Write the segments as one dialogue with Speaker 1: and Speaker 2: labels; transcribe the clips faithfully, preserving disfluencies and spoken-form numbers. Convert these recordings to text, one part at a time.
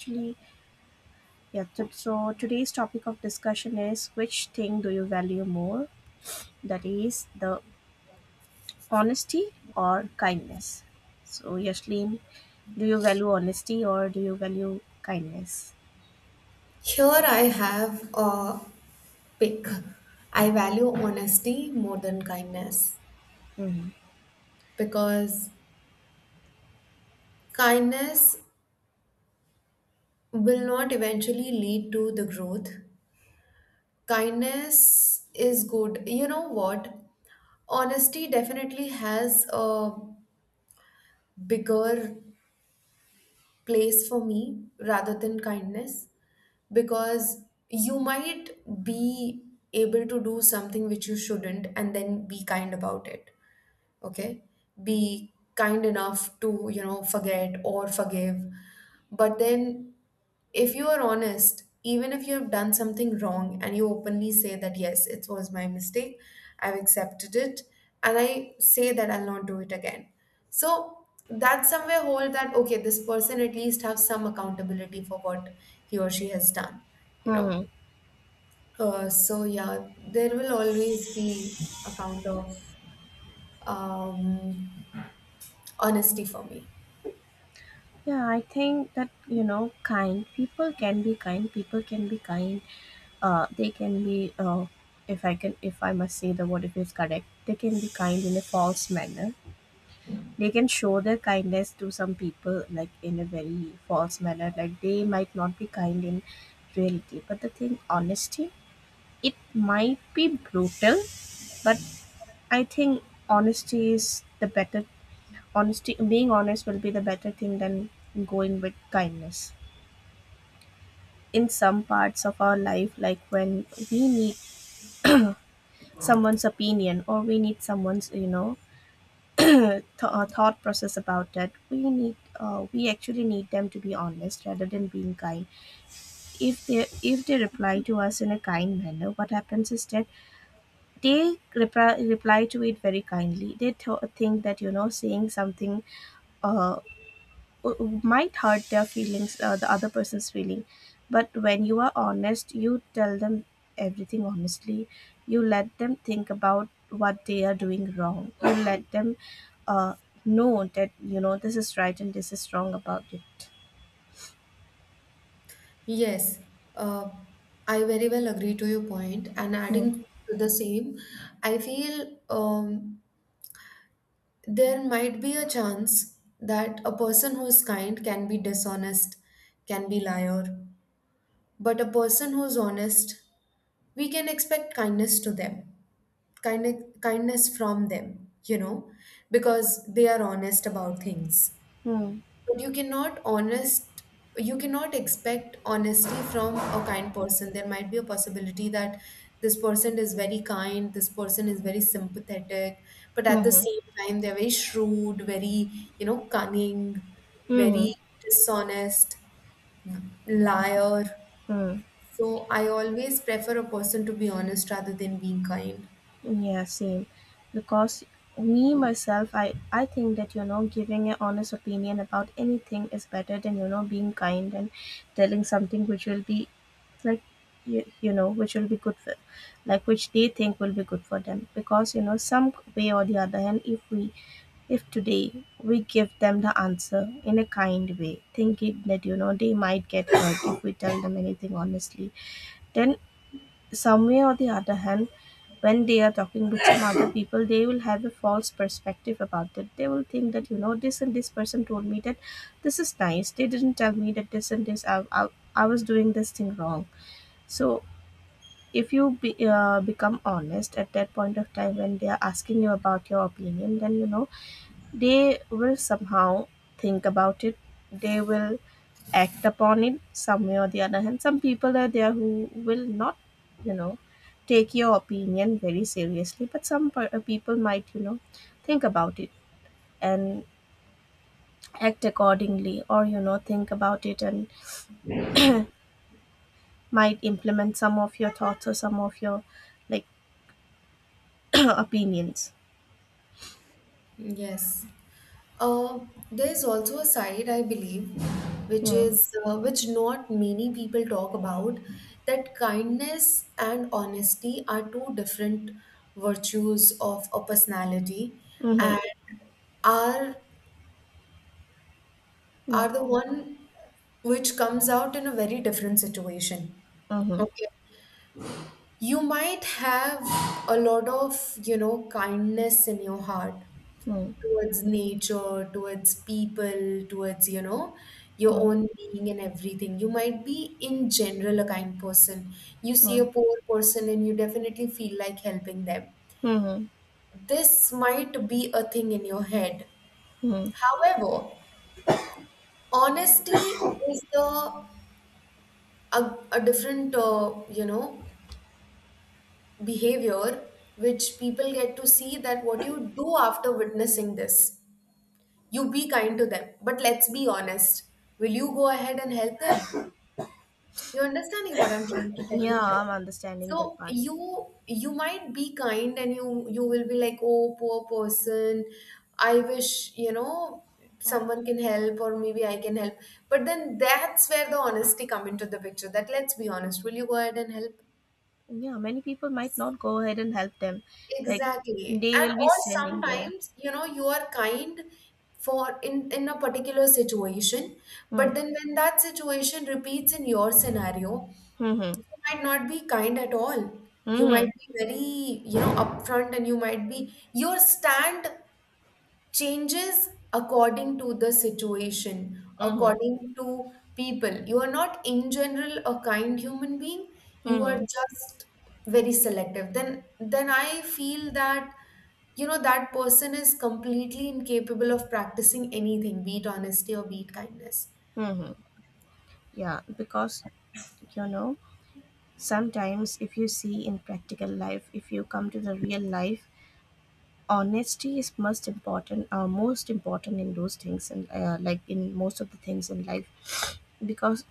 Speaker 1: Actually, yeah, so, so today's topic of discussion is which thing do you value more, that is the honesty or kindness. So, Yashlin, do you value honesty or do you value kindness?
Speaker 2: Here I have a pick. I value honesty more than kindness
Speaker 1: Hmm.
Speaker 2: because kindness will not eventually lead to the growth. Kindness is good. You know what? Honesty definitely has a bigger place for me rather than kindness because you might be able to do something which you shouldn't and then be kind about it. Okay, be kind enough to you know forget or forgive. But then if you are honest, even if you have done something wrong and you openly say that yes it was my mistake, I've accepted it and I say that I'll not do it again, so that somewhere hold that okay, this person at least have some accountability for what he or she has done, you know.
Speaker 1: Hmm.
Speaker 2: Uh, so yeah, there will always be account of um honesty for me.
Speaker 1: Yeah, I think that you know kind people can be kind people can be kind. Uh, they can be uh, if i can if I must say the word if it's correct, they can be kind in a false manner. They can show their kindness to some people, like, in a very false manner, like, they might not be kind in reality, but the thing honesty, it might be brutal, but I think honesty is the better honesty, being honest, will be the better thing than going with kindness in some parts of our life, like when we need someone's opinion, or we need someone's you know th- uh, thought process about that. We need uh, we actually need them to be honest rather than being kind. If they if they reply to us in a kind manner, what happens is that they reply, reply to it very kindly. They th- think that you know saying something uh, uh, uh, might hurt their feelings, uh, the other person's feeling. But when you are honest, you tell them everything honestly. You let them think about what they are doing wrong. You let them uh, know that you know this is right and this is wrong about it.
Speaker 2: Yes, uh, I very well agree to your point, and
Speaker 1: Hmm.
Speaker 2: adding to the same, I feel um, there might be a chance that a person who is kind can be dishonest, can be liar, but a person who's honest, we can expect kindness to them, kind kindness from them, you know, because they are honest about things.
Speaker 1: Hmm.
Speaker 2: But you cannot honest, you cannot expect honesty from a kind person. There might be a possibility that this person is very kind, this person is very sympathetic, but
Speaker 1: Hmm.
Speaker 2: at the
Speaker 1: Hmm.
Speaker 2: same time they're very shrewd, very, you know, cunning,
Speaker 1: Hmm.
Speaker 2: very dishonest, liar.
Speaker 1: Hmm.
Speaker 2: So I always prefer a person to be honest rather than being kind.
Speaker 1: Yeah, same. Because me myself, I I think that you know giving an honest opinion about anything is better than you know being kind and telling something which will be like you, you know which will be good for, like, which they think will be good for them, because you know some way or the other hand, if we if today we give them the answer in a kind way, thinking that you know they might get hurt if we tell them anything honestly, then some way or the other hand, when they are talking with some other people, they will have a false perspective about it. They will think that, you know, this and this person told me that this is nice. They didn't tell me that this and this, I, I, I was doing this thing wrong. So, if you be, uh, become honest at that point of time when they are asking you about your opinion, then you know they will somehow think about it. They will act upon it some way or the other. And some people are there who will not, you know, take your opinion very seriously. But some per- uh, people might, you know, think about it and act accordingly, or, you know, think about it and might implement some of your thoughts or some of your, like, opinions.
Speaker 2: Yes. Uh, there's also a side, I believe, which
Speaker 1: Mm.
Speaker 2: is uh, which not many people talk about, that kindness and honesty are two different virtues of a personality, and
Speaker 1: Mm-hmm.
Speaker 2: are are
Speaker 1: Yeah.
Speaker 2: the one which comes out in a very different situation.
Speaker 1: Mm-hmm.
Speaker 2: Okay. You might have a lot of, you know, kindness in your heart,
Speaker 1: Mm-hmm.
Speaker 2: towards nature, towards people, towards, you know, your own being and everything. You might be in general a kind person. You see a poor person and you definitely feel like helping them.
Speaker 1: Mm-hmm.
Speaker 2: This might be a thing in your head.
Speaker 1: Mm-hmm.
Speaker 2: However, honesty is the a, a different uh, you know behavior which people get to see, that what you do after witnessing this. You be kind to them, but let's be honest. Will you go ahead and help them? You're understanding what I'm trying to tell you
Speaker 1: Yeah,
Speaker 2: here.
Speaker 1: I'm understanding that
Speaker 2: So
Speaker 1: part.
Speaker 2: you you might be kind and you you will be like, oh, poor person. I wish, you know, someone can help or maybe I can help. But then that's where the honesty come into the picture. That let's be honest. Will you go ahead and help?
Speaker 1: Yeah, many people might not go ahead and help them. Like,
Speaker 2: Exactly.
Speaker 1: they
Speaker 2: And
Speaker 1: will be
Speaker 2: or
Speaker 1: standing there.
Speaker 2: sometimes, you know, you are kind for in in a particular situation, but
Speaker 1: Hmm.
Speaker 2: then when that situation repeats in your scenario,
Speaker 1: Hmm.
Speaker 2: you might not be kind at all. You
Speaker 1: Hmm.
Speaker 2: might
Speaker 1: Hmm.
Speaker 2: be very, you know, upfront, and you might be your stand changes according to the situation,
Speaker 1: Hmm. Hmm. Hmm.
Speaker 2: according to people. You are not, in general, a kind human being. You
Speaker 1: Hmm,
Speaker 2: are
Speaker 1: hmm.
Speaker 2: just very selective. Then, then I feel that you know that person is completely incapable of practicing anything, be it honesty or be it kindness.
Speaker 1: Hmm, hmm. Yeah, because you know sometimes if you see in practical life, if you come to the real life, honesty is most important. Uh, most important in those things, and uh, like in most of the things in life, because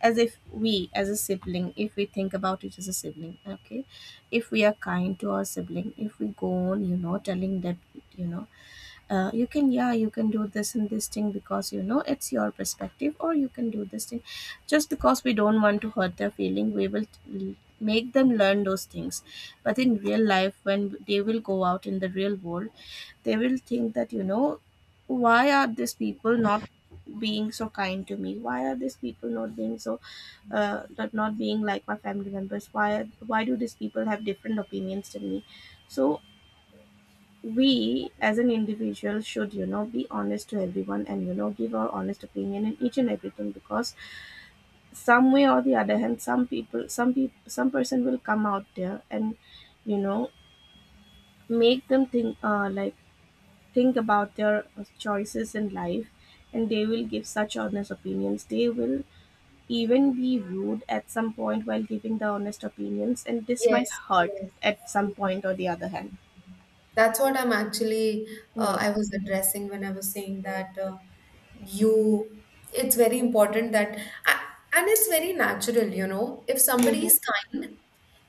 Speaker 1: as if we as a sibling, if we think about it as a sibling, okay, if we are kind to our sibling, if we go on, you know telling them, you know uh, you can yeah you can do this and this thing, because you know it's your perspective, or you can do this thing, just because we don't want to hurt their feeling, we will t- make them learn those things. But in real life, when they will go out in the real world, they will think that you know why are these people not being so kind to me, why are these people not being so, uh, not not being like my family members, why why do these people have different opinions than me? So we as an individual should you know be honest to everyone, and you know give our honest opinion in each and everything, because some way or the other hand, some people some people some person will come out there and you know make them think uh, like think about their choices in life. And they will give such honest opinions. They will even be rude at some point while giving the honest opinions, and this might
Speaker 2: Yes,
Speaker 1: hurt
Speaker 2: yes,
Speaker 1: at some
Speaker 2: yes.
Speaker 1: point or the other hand.
Speaker 2: That's what I'm actually uh,
Speaker 1: Hmm.
Speaker 2: I was addressing when I was saying that uh, you, it's very important that a- and it's very natural, you know. If somebody
Speaker 1: Hmm.
Speaker 2: is kind,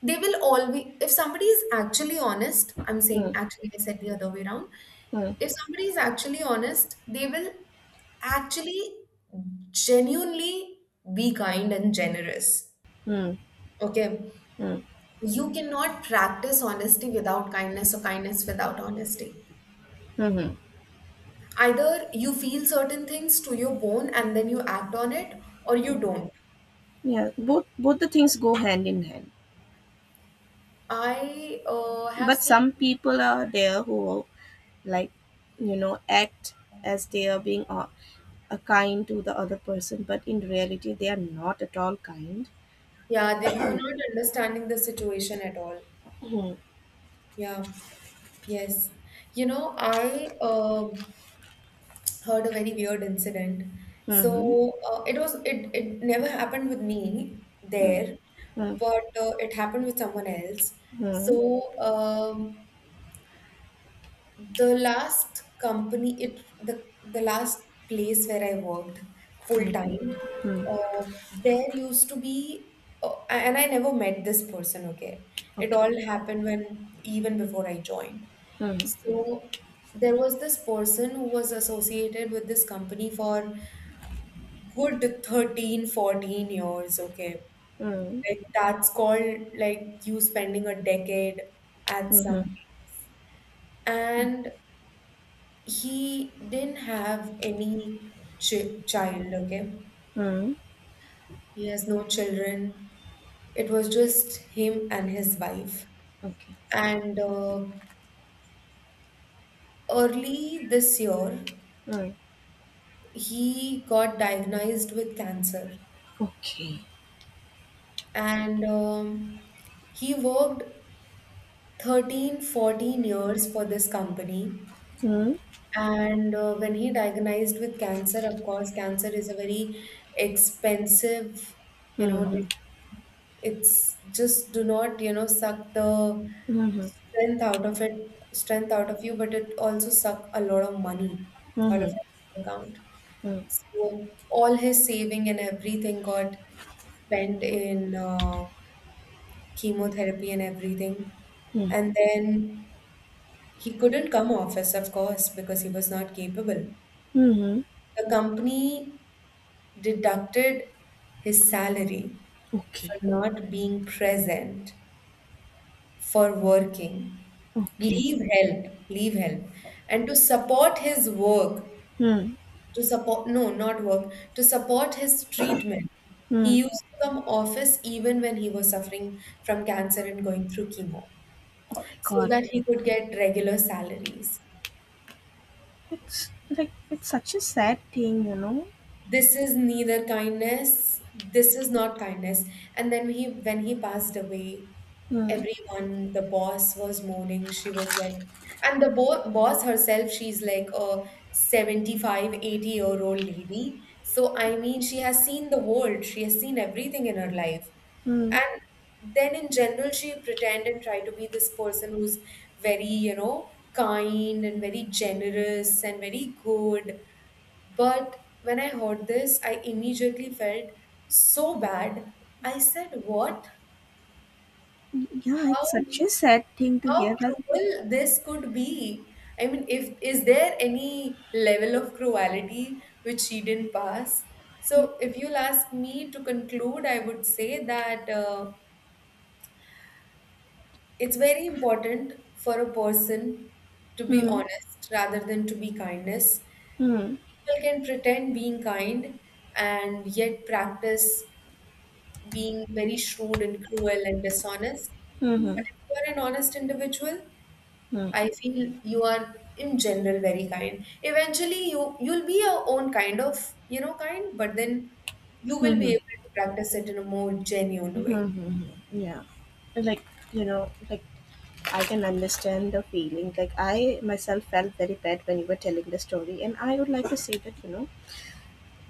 Speaker 2: they will always, if somebody is actually honest, I'm saying
Speaker 1: Hmm.
Speaker 2: actually I said the other way around.
Speaker 1: Hmm.
Speaker 2: If somebody is actually honest, they will actually genuinely be kind and generous.
Speaker 1: Hmm. Mm.
Speaker 2: Okay.
Speaker 1: Mm.
Speaker 2: You cannot practice honesty without kindness or kindness without honesty.
Speaker 1: Hmm.
Speaker 2: Either you feel certain things to your bone and then you act on it or you don't.
Speaker 1: Yeah, both both the things go hand in hand.
Speaker 2: I uh, have
Speaker 1: But
Speaker 2: seen,
Speaker 1: some people are there who, like, you know act as they are being uh, uh, kind to the other person, but in reality they are not at all kind.
Speaker 2: yeah, the, you're not understanding the situation at all.
Speaker 1: Mm-hmm.
Speaker 2: Yeah. Yes. You know, I uh heard a very weird incident.
Speaker 1: Hmm.
Speaker 2: So uh, it was, it it never happened with me there,
Speaker 1: Mm-hmm.
Speaker 2: but uh, it happened with someone else. So um the last company, it the the last place where I worked full
Speaker 1: Mm-hmm.
Speaker 2: time,
Speaker 1: Hmm.
Speaker 2: uh, there used to be, uh, and I never met this person, okay, it all happened when, even before I joined. So there was this person who was associated with this company for good thirteen, fourteen years, okay, like that's called like you spending a decade at some
Speaker 1: Mm-hmm.
Speaker 2: place. And he didn't have any ch- child, okay?
Speaker 1: Mm.
Speaker 2: He has no children. It was just him and his wife.
Speaker 1: Okay.
Speaker 2: And uh, early this year,
Speaker 1: Mm-hmm. Mm-hmm.
Speaker 2: he got diagnosed with cancer.
Speaker 1: Mm-hmm. Mm-hmm.
Speaker 2: And um, he worked thirteen, fourteen years for this company.
Speaker 1: Okay. Mm-hmm. Okay. Mm-hmm.
Speaker 2: And uh, when he diagnosed with cancer, of course, cancer is a very expensive, you know, disease.
Speaker 1: Mm-hmm.
Speaker 2: It's just do not, you know, suck the
Speaker 1: Mm-hmm.
Speaker 2: strength out of it, strength out of you, but it also suck a lot of money out of
Speaker 1: Mm-hmm.
Speaker 2: your account. So all his saving and everything got spent in uh, chemotherapy and everything.
Speaker 1: Mm-hmm.
Speaker 2: And then he couldn't come office, of course, because he was not capable.
Speaker 1: Mm-hmm.
Speaker 2: The company deducted his salary
Speaker 1: Okay.
Speaker 2: for not being present, for working,
Speaker 1: Okay.
Speaker 2: leave help, leave help, and to support his work,
Speaker 1: Hmm.
Speaker 2: to support, no, not work, to support his treatment. He
Speaker 1: Hmm.
Speaker 2: used to come office even when he was suffering from cancer and going through chemo
Speaker 1: Oh my
Speaker 2: so
Speaker 1: God.
Speaker 2: that he could get regular salaries.
Speaker 1: It's like it's such a sad thing, you know.
Speaker 2: This is neither kindness, this is not kindness. And then he, when he passed away,
Speaker 1: Hmm.
Speaker 2: everyone, the boss was mourning, she was like, and the bo- boss herself, she's like a seventy-five eighty year old lady, so I mean, she has seen the world, she has seen everything in her life.
Speaker 1: Hmm.
Speaker 2: And then in general she pretend and try to be this person who's very, you know, kind and very generous and very good. But when I heard this, I immediately felt so bad. I said, what?
Speaker 1: Yeah, it's
Speaker 2: How
Speaker 1: such a sad thing to hear.
Speaker 2: how
Speaker 1: Like.
Speaker 2: cruel this could be? I mean, if, is there any level of cruelty which she didn't pass? So if you'll ask me to conclude, I would say that uh, it's very important for a person to be
Speaker 1: Hmm.
Speaker 2: honest rather than to be kindness.
Speaker 1: Hmm.
Speaker 2: People can pretend being kind and yet practice being very shrewd and cruel and dishonest.
Speaker 1: Hmm. Hmm.
Speaker 2: But if you are an honest individual,
Speaker 1: Hmm.
Speaker 2: I feel you are in general very kind. Eventually, you you'll be your own kind of, you know, kind, but then you will be
Speaker 1: Hmm.
Speaker 2: able to practice it in a more
Speaker 1: Hmm.
Speaker 2: genuine way.
Speaker 1: Hmm. Hmm. Yeah. Like, you know, like, I can understand the feeling. Like, I myself felt very bad when you were telling the story, and I would like to say that, you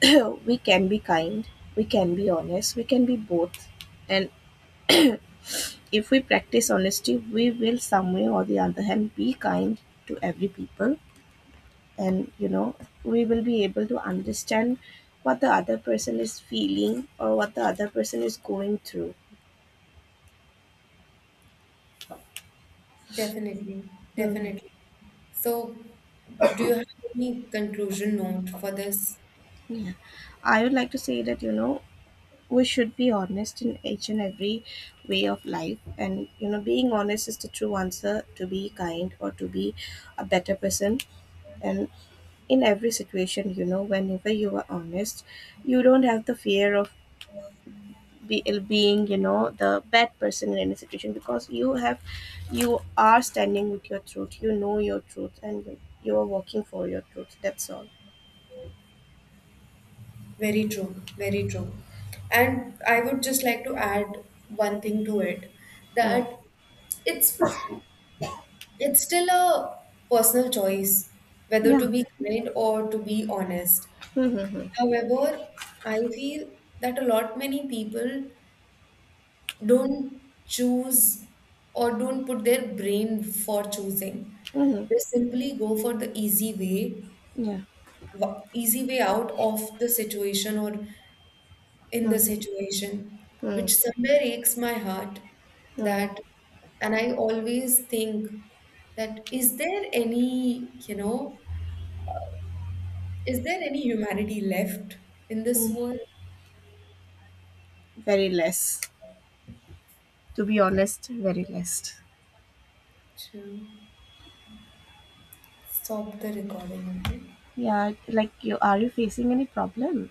Speaker 1: know, we can be kind, we can be honest, we can be both, and if we practice honesty, we will some way or the other hand be kind to every people, and you know we will be able to understand what the other person is feeling or what the other person is going through.
Speaker 2: Definitely,
Speaker 1: Hmm.
Speaker 2: definitely. So, do you have any conclusion note for this?
Speaker 1: Yeah. I would like to say that you know we should be honest in each and every way of life, and you know being honest is the true answer to be kind or to be a better person. And in every situation, you know whenever you are honest, you don't have the fear of be, being you know the bad person in any situation, because you have you are standing with your truth. You know your truth, and you you are working for your truth, that's all.
Speaker 2: Very true, very true. And I would just like to add one thing to it,
Speaker 1: Hmm.
Speaker 2: that it's It's still a personal choice whether
Speaker 1: Yeah.
Speaker 2: to be kind or to be honest.
Speaker 1: Mm-hmm.
Speaker 2: However, I feel that a lot many people don't choose or don't put their brain for choosing.
Speaker 1: Mm-hmm.
Speaker 2: They simply go for the easy way,
Speaker 1: Yeah.
Speaker 2: wa- easy way out of the situation or in the
Speaker 1: Mm-hmm.
Speaker 2: situation, which somewhere aches my heart,
Speaker 1: Mm-hmm.
Speaker 2: that, and I always think that is there any, you know, is there any humanity left in this
Speaker 1: Mm.
Speaker 2: world?
Speaker 1: Very less. To be
Speaker 2: Yeah,
Speaker 1: honest, very less.
Speaker 2: true. Stop the recording, okay?
Speaker 1: Yeah. Like, you are you facing any problem?